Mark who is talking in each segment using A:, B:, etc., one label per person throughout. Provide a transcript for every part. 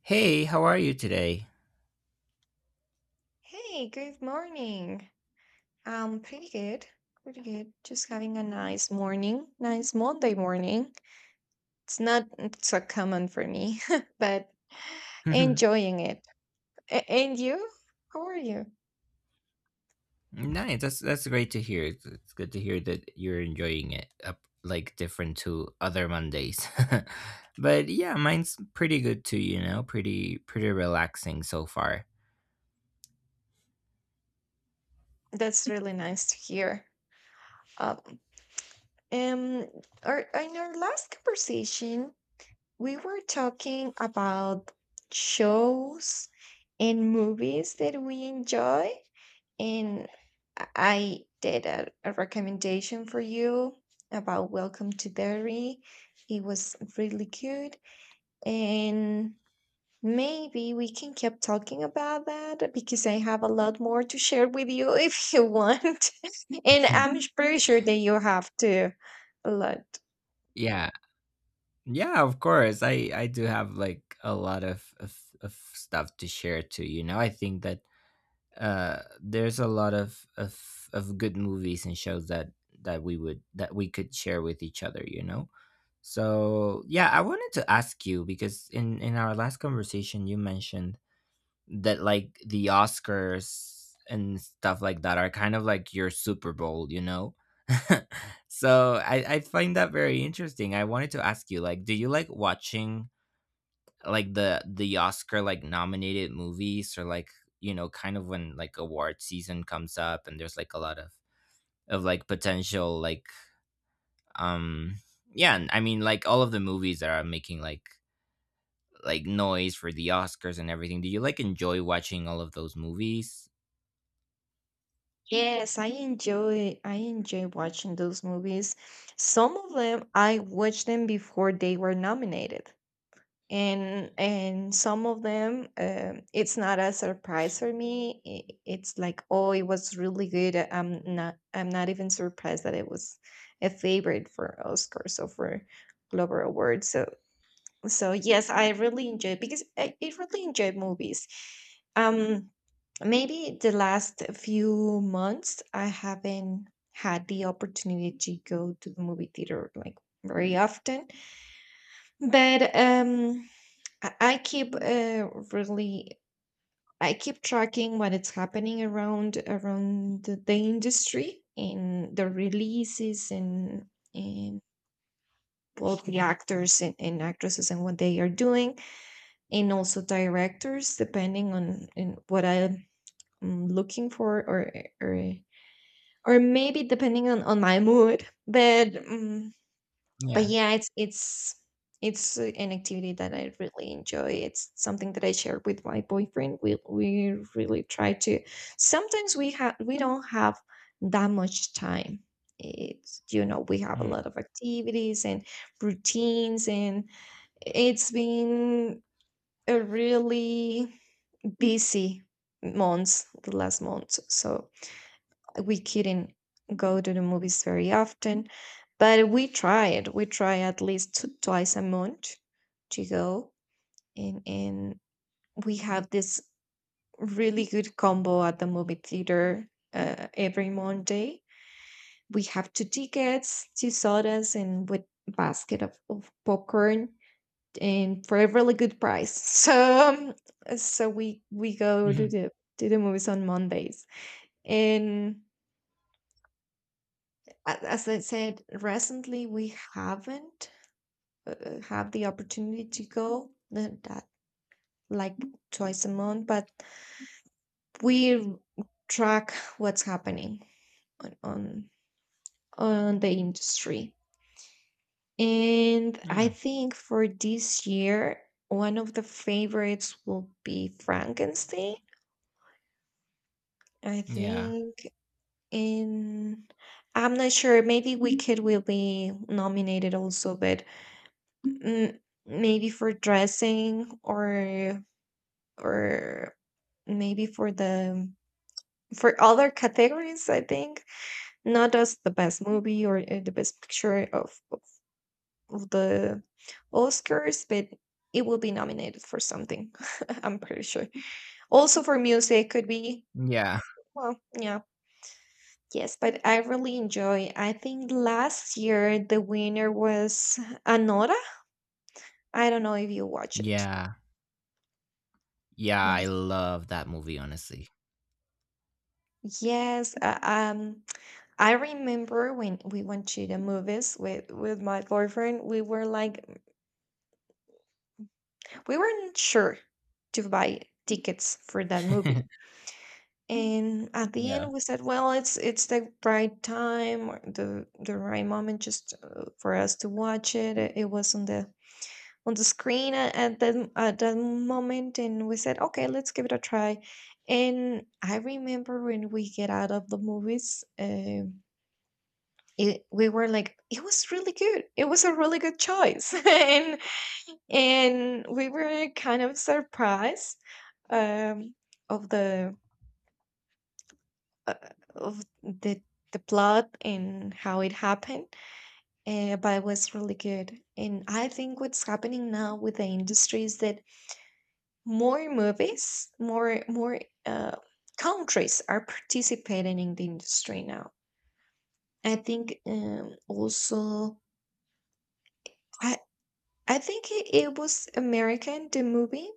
A: Hey, how are you today?
B: Hey, good morning. Pretty good. Pretty good. Just having a nice morning. Nice Monday morning. It's not so common for me, but enjoying it. And you? How are you?
A: nice. That's great to hear. It's good to hear that you're enjoying it up like different to other Mondays. But yeah, mine's pretty good too, you know, pretty relaxing so far.
B: That's really nice to hear. Um, um, in our last conversation, we were talking about shows and movies that we enjoy. And I did a recommendation for you about Welcome to Derry. It was really good. And maybe we can keep talking about that because I have a lot more to share with you if you want. And I'm pretty sure that you have too. A lot.
A: yeah, Yeah, of course. I do have like a lot of stuff to share too. You know, I think that there's a lot of good movies and shows that that we would that we could share with each other. You know, so yeah, I wanted to ask you because in our last conversation you mentioned that like the Oscars and stuff like that are kind of like your Super Bowl, you know? So I find that very interesting. I wanted to ask you, like, do you like watching like the Oscar like nominated movies or like, you know, kind of when like award season comes up and there's like a lot of like potential like um yeah, and I mean like all of the movies that are making like noise for the Oscars and everything. Do you like enjoy watching all of those movies?
B: Yes, I enjoy watching those movies. Some of them I watched them before they were nominated. And some of them it's not a surprise for me. It's like, oh, it was really good. I'm not I'm not even surprised that it was a favorite for Oscars or for Glover Awards. So so yes, I really enjoy, because I really enjoy movies. um Maybe the last few months I haven't had the opportunity to go to the movie theater like very often, but I keep really I keep tracking what is happening around around the industry and the releases, and both the actors and, actresses and what they are doing, and also directors depending on in what I'm looking for, or or maybe depending on my mood. But yeah, it's it's an activity that I really enjoy. It's something that I share with my boyfriend. We really try to, sometimes we have, we don't have that much time. It's, you know, we have a
A: Mm.
B: lot of activities and routines, and it's been a really busy months, the last month, so we couldn't go to the movies very often, but we tried. We try at least two twice a month to go, and we have this really good combo at the movie theater every Monday. We have two tickets, two sodas, and with basket of popcorn, and for a really good price. So so we go
A: Mhm.
B: to the movies on Mondays, and as I said, recently we haven't had the opportunity to go that like twice a month, but we track what's happening on on, on the industry. And I
A: Mm.
B: think for this year, one of the favorites will be Frankenstein. I
A: Yeah.
B: think, in, I'm not sure, maybe Wicked will be nominated also, but Mm, maybe for dressing or maybe for the for other categories, I think, not as the best movie or the best picture of the Oscars, but it will be nominated for something, I'm pretty sure. Also for music could be.
A: Yeah.
B: Well, yeah, yes, but I really enjoy. I think last year the winner was Anora. I don't know if you watch it.
A: Yeah. Yeah, I
B: Yes.
A: love that movie, honestly.
B: Yes, I remember when we went to the movies with my boyfriend, we were like, we weren't sure to buy tickets for that movie. And at the
A: Yeah.
B: end we said, well, it's the right time, or the right moment, just for us to watch it. It was on the screen at that moment, and we said, okay, let's give it a try. And I remember when we get out of the movies, it, we were like, "It was really good. It was a really good choice." And we were kind of surprised, um, of the uh, of the the plot and how it happened, but it was really good. And I think what's happening now with the industry is that more movies, more uh, countries are participating in the industry now. I think, I, I think it, it was American, the movie,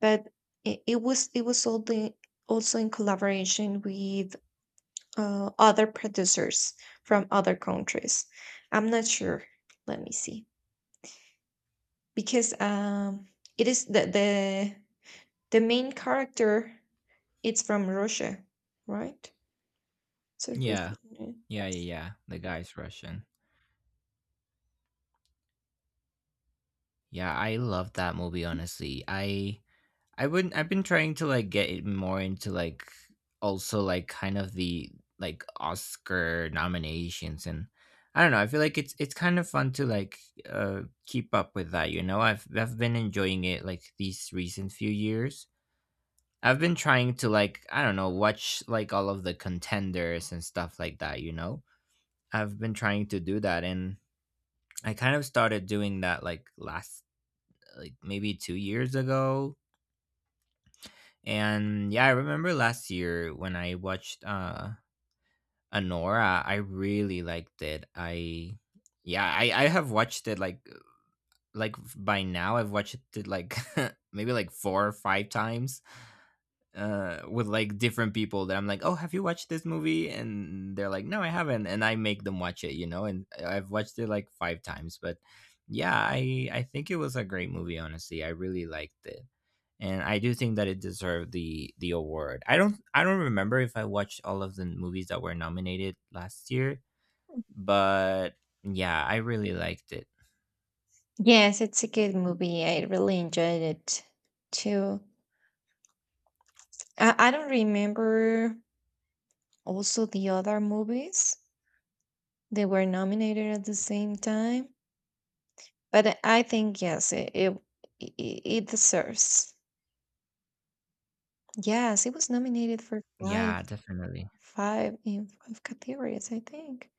B: but it was, all the, also in collaboration with other producers from other countries. I'm not sure. Let me see, because it is the main character. It's from Russia, right? So
A: Yeah.
B: Russian name.
A: Yeah, yeah,
B: Yes.
A: yeah. The guy's Russian. Yeah, I love that movie, honestly. I wouldn't I've been trying to like get it more into like also like kind of the like Oscar nominations and I don't know, I feel like it's kind of fun to like keep up with that, you know? I've been enjoying it like these recent few years. I've been trying to like I don't know watch like all of the contenders and stuff like that. You know, I've been trying to do that, and I kind of started doing that like last like maybe 2 years ago. And yeah, I remember last year when I watched Anora, I really liked it. I yeah, I have watched it like by now I've watched it like maybe like four or five times with like different people that I'm like, oh, have you watched this movie? And they're like, no, I haven't. And I make them watch it, you know. And I've watched it like five times, but yeah, I think it was a great movie. Honestly, I really liked it, and I do think that it deserved the award. I don't remember if I watched all of the movies that were nominated last year, but yeah, I really liked it.
B: Yes, it's a good movie. I really enjoyed it too. I don't remember also the other movies. They were nominated at the same time, but I think, yes, it it it deserves. Yes, it was nominated for
A: Yeah, definitely.
B: five, in five categories, I think.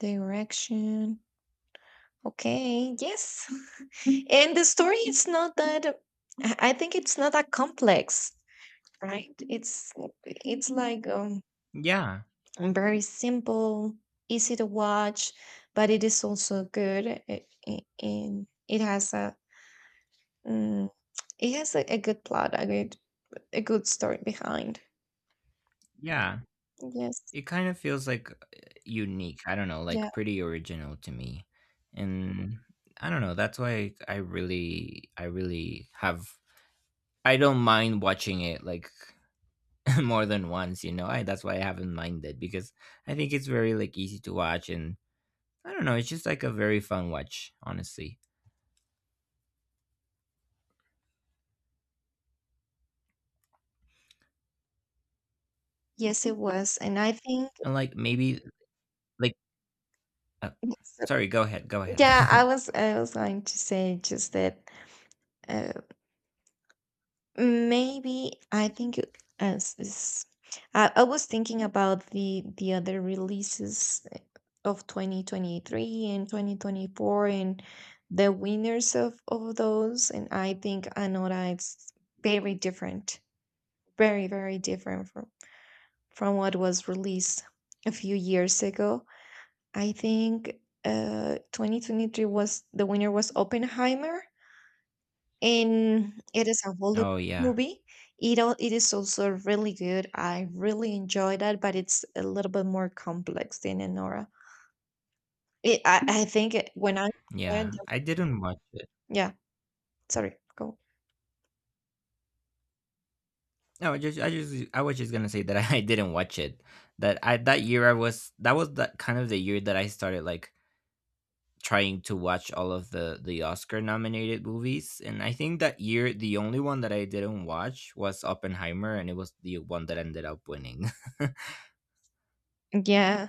B: Direction. Okay, yes. And the story is not that, I think it's not that complex, right? It's like, um,
A: Yeah,
B: very simple, easy to watch, but it is also good. It and it has a, mm, it has a good plot, a good story behind.
A: yeah.
B: Yes.
A: It kind of feels like unique. I don't know,
B: Yeah.
A: like pretty original to me. And I don't know, that's why I really have I don't mind watching it like more than once, you know. I That's why I haven't minded because I think it's very like easy to watch and I don't know, it's just like a very fun watch, honestly.
B: Yes, it was. And I think
A: And like maybe like uh,
B: it's-
A: sorry, go ahead, go ahead.
B: yeah, I was going to say just that, uh, maybe I think it- as is I was thinking about the other releases of 2023 and 2024, and the winners of those, and I think Anora is very different. Very, very different from what was released a few years ago. I think 2023 was, the winner was Oppenheimer, and it is a Hollywood
A: Oh yeah.
B: movie. It is also really good. I really enjoyed that, but it's a little bit more complex than Anora. It, I think it, when I read
A: Yeah.
B: the-
A: I didn't watch it.
B: yeah, sorry, go.
A: No, I was just gonna say that I didn't watch it. That was that kind of the year that I started like trying to watch all of the Oscar nominated movies, and I think that year the only one that I didn't watch was Oppenheimer, and it was the one that ended up winning.
B: Yeah,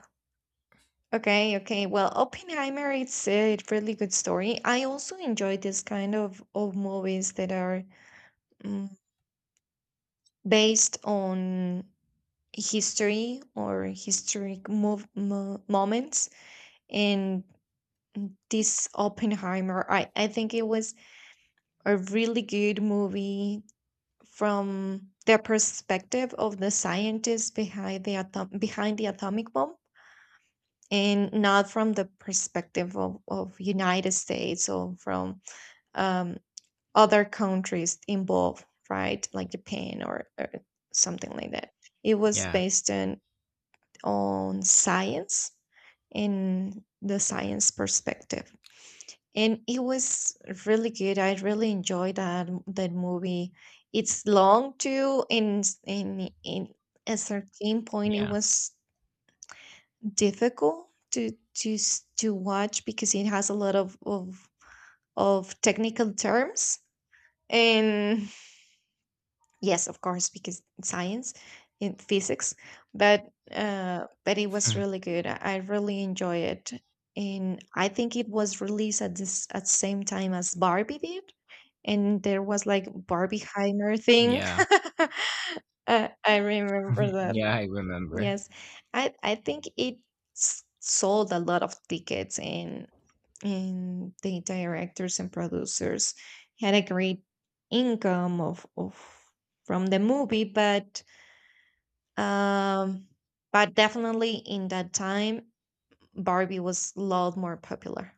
B: okay, okay, well, Oppenheimer, it's a really good story. I also enjoy this kind of movies that are, mm, based on history or historic moments, and this Oppenheimer, I think it was a really good movie from the perspective of the scientists behind the behind the atomic bomb, and not from the perspective of United States, or from um, other countries involved, right, like Japan, or something like that. It was
A: Yeah,
B: based on science, in the science perspective. And it was really good. I really enjoyed that that movie. It's long too, and in at certain point it
A: yeah.
B: was difficult to to watch, because it has a lot of technical terms and, yes, of course, because science in physics, but it was
A: Mhm.
B: really good. I really enjoy it, and I think it was released at this at same time as Barbie did, and there was like Barbieheimer thing.
A: Yeah,
B: I remember that.
A: yeah. I remember.
B: Yes, I think it sold a lot of tickets, and the directors and producers had a great income of from the movie. Um but definitely in that time Barbie was a lot more popular.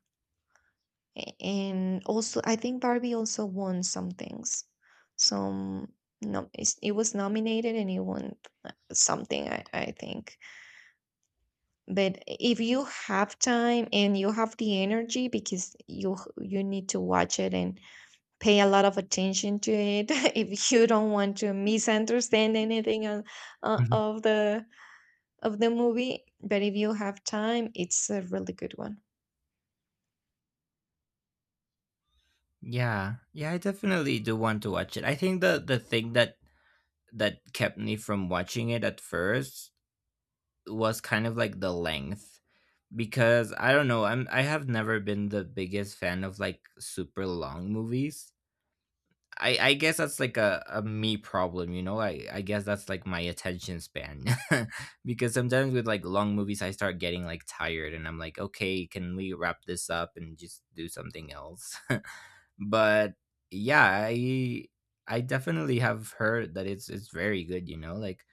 B: And also I think Barbie also won some things. Some, no, it was nominated and it won something, I think. But if you have time, and you have the energy, because you need to watch it and pay a lot of attention to it, if you don't want to misunderstand anything on, uh,
A: Mhm.
B: of the of the movie. But if you have time, it's a really good one.
A: Yeah, yeah. I definitely do want to watch it. I think the thing that kept me from watching it at first was kind of like the length because I don't know, I have never been the biggest fan of like super long movies. I guess that's like a me problem, you know? I guess that's like my attention span. Because sometimes with like long movies I start getting like tired and I'm like, okay, can we wrap this up and just do something else? But yeah, I definitely have heard that it's very good, you know? Like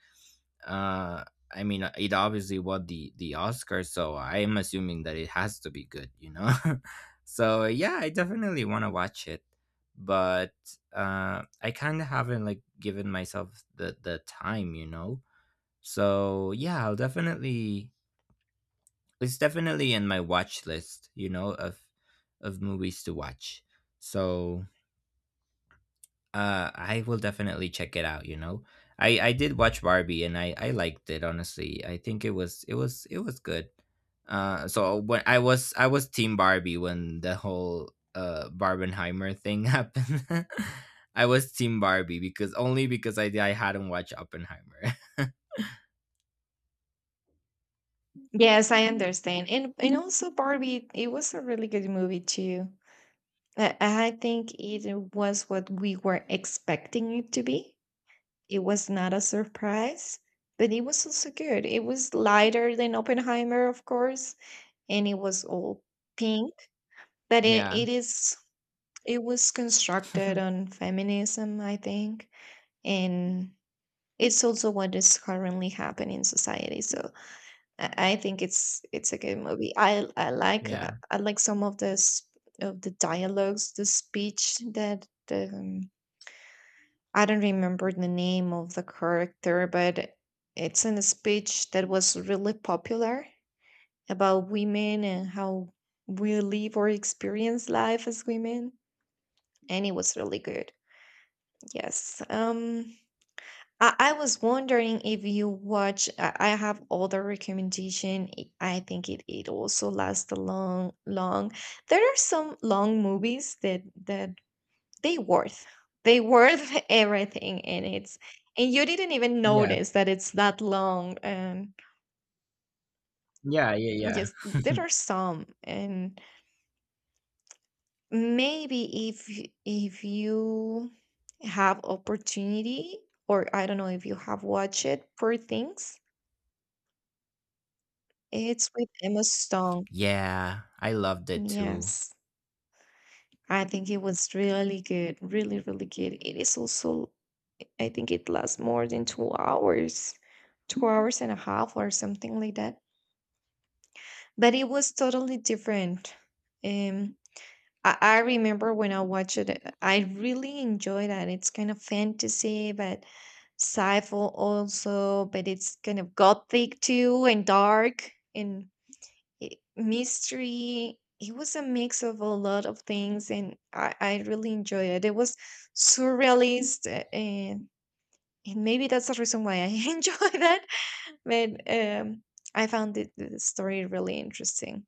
A: uh I mean it obviously won the Oscar, so I am assuming that it has to be good, you know. So yeah, I definitely want to watch it, but I kind of haven't like given myself the time, you know. So yeah, I'll definitely it's definitely in my watch list, you know, of movies to watch. So I will definitely check it out, you know. I did watch Barbie and I liked it, honestly. I think it was good. So when I was Team Barbie when the whole Barbenheimer thing happened. I was Team Barbie because only because I hadn't watched Oppenheimer.
B: Yes, I understand. And also Barbie, it was a really good movie too. I think it was what we were expecting it to be. It was not a surprise, but it was also good. It was lighter than Oppenheimer, of course, and it was all pink. But
A: Yeah.
B: it is, it was constructed on feminism, I think, and it's also what is currently happening in society. So I think it's a good movie. I like,
A: Yeah.
B: I like some of the dialogues, the speech that the I don't remember the name of the character, but it's in a speech that was really popular about women and how we live or experience life as women, and it was really good. Yes. I was wondering if you watch. I have other recommendation. I think it also lasts a long, long. There are some long movies that that they worth. They worth everything, and it's, and you didn't even
A: Yeah.
B: notice that it's that long. And
A: Yeah, yeah, yeah.
B: yes, there are some, and maybe if you have opportunity, or I don't know if you have watched it. Poor Things. It's with Emma Stone.
A: Yeah, I loved it too.
B: Yes. I think it was really good. Really, really good. It is also, I think it lasts more than 2 hours, 2 hours and a half or something like that. But it was totally different. Um, I remember when I watched it, I really enjoyed that. It's kind of fantasy, but sci-fi also, but it's kind of gothic too, and dark, and it, mystery. It was a mix of a lot of things, and I really enjoy it. It was surrealist, and maybe that's the reason why I enjoy that. But I found it, the story, really interesting,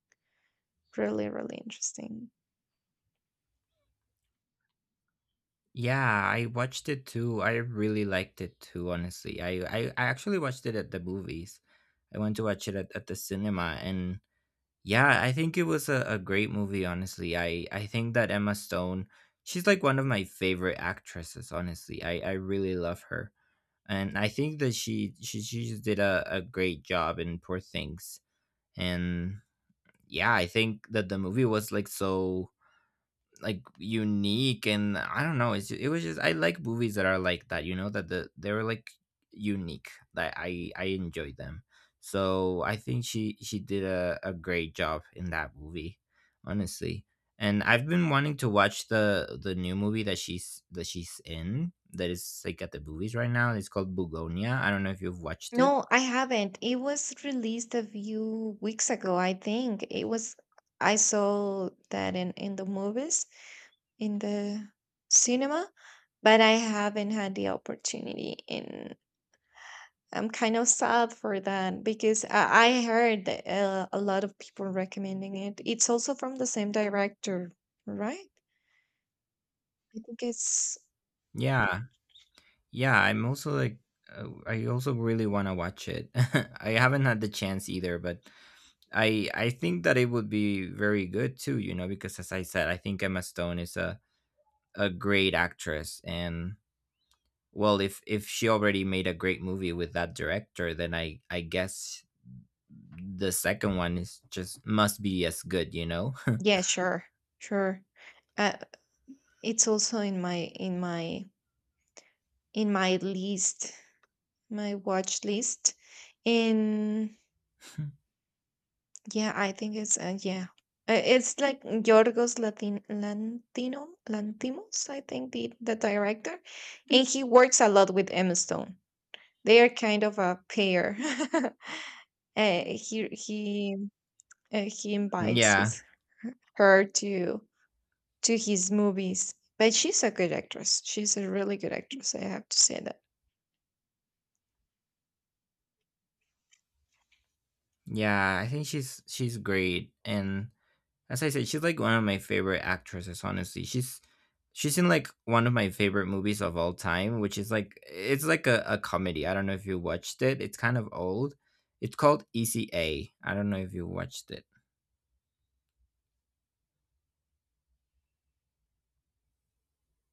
B: really, really interesting.
A: Yeah, I watched it too. I really liked it too, honestly. I actually watched it at the movies. I went to watch it at the cinema and yeah, I think it was a great movie, honestly. I think that Emma Stone, she's like one of my favorite actresses, honestly. I really love her. And I think that she just did a great job in Poor Things. And yeah, I think that the movie was like so like unique and I don't know. It was just I like movies that are like that. You know that they were like unique. That I enjoyed them. So I think she did a great job in that movie, honestly. And I've been wanting to watch the new movie that she's in that is like at the movies right now. It's called Bugonia. I don't know if you've watched it.
B: No, I haven't. It was released a few weeks ago, I think. It was, I saw that in the movies, in the cinema, but I haven't had the opportunity, and I'm kind of sad for that, because I heard a lot of people recommending it. It's also from the same director, right? I think it's,
A: Yeah, yeah. I'm also like, I also really want to watch it. I haven't had the chance either, but I think that it would be very good too, you know, because as I said, I think Emma Stone is a great actress and well, if she already made a great movie with that director, then I guess the second one is just must be as good, you know.
B: yeah, sure, sure. Uh, it's also in my in my list, my watch list, and yeah, I think it's it's like Yorgos Latin Lantino Lantimos, I think, the director, and he works a lot with Emma Stone. They are kind of a pair. uh, he he he invites
A: Yeah.
B: her to his movies, but she's a good actress. She's a really good actress. I have to say that.
A: Yeah, I think she's great. And as I said, she's like one of my favorite actresses. Honestly, she's in like one of my favorite movies of all time, which is like it's like a comedy. I don't know if you watched it. It's kind of old. It's called ECA. I don't know if you watched it.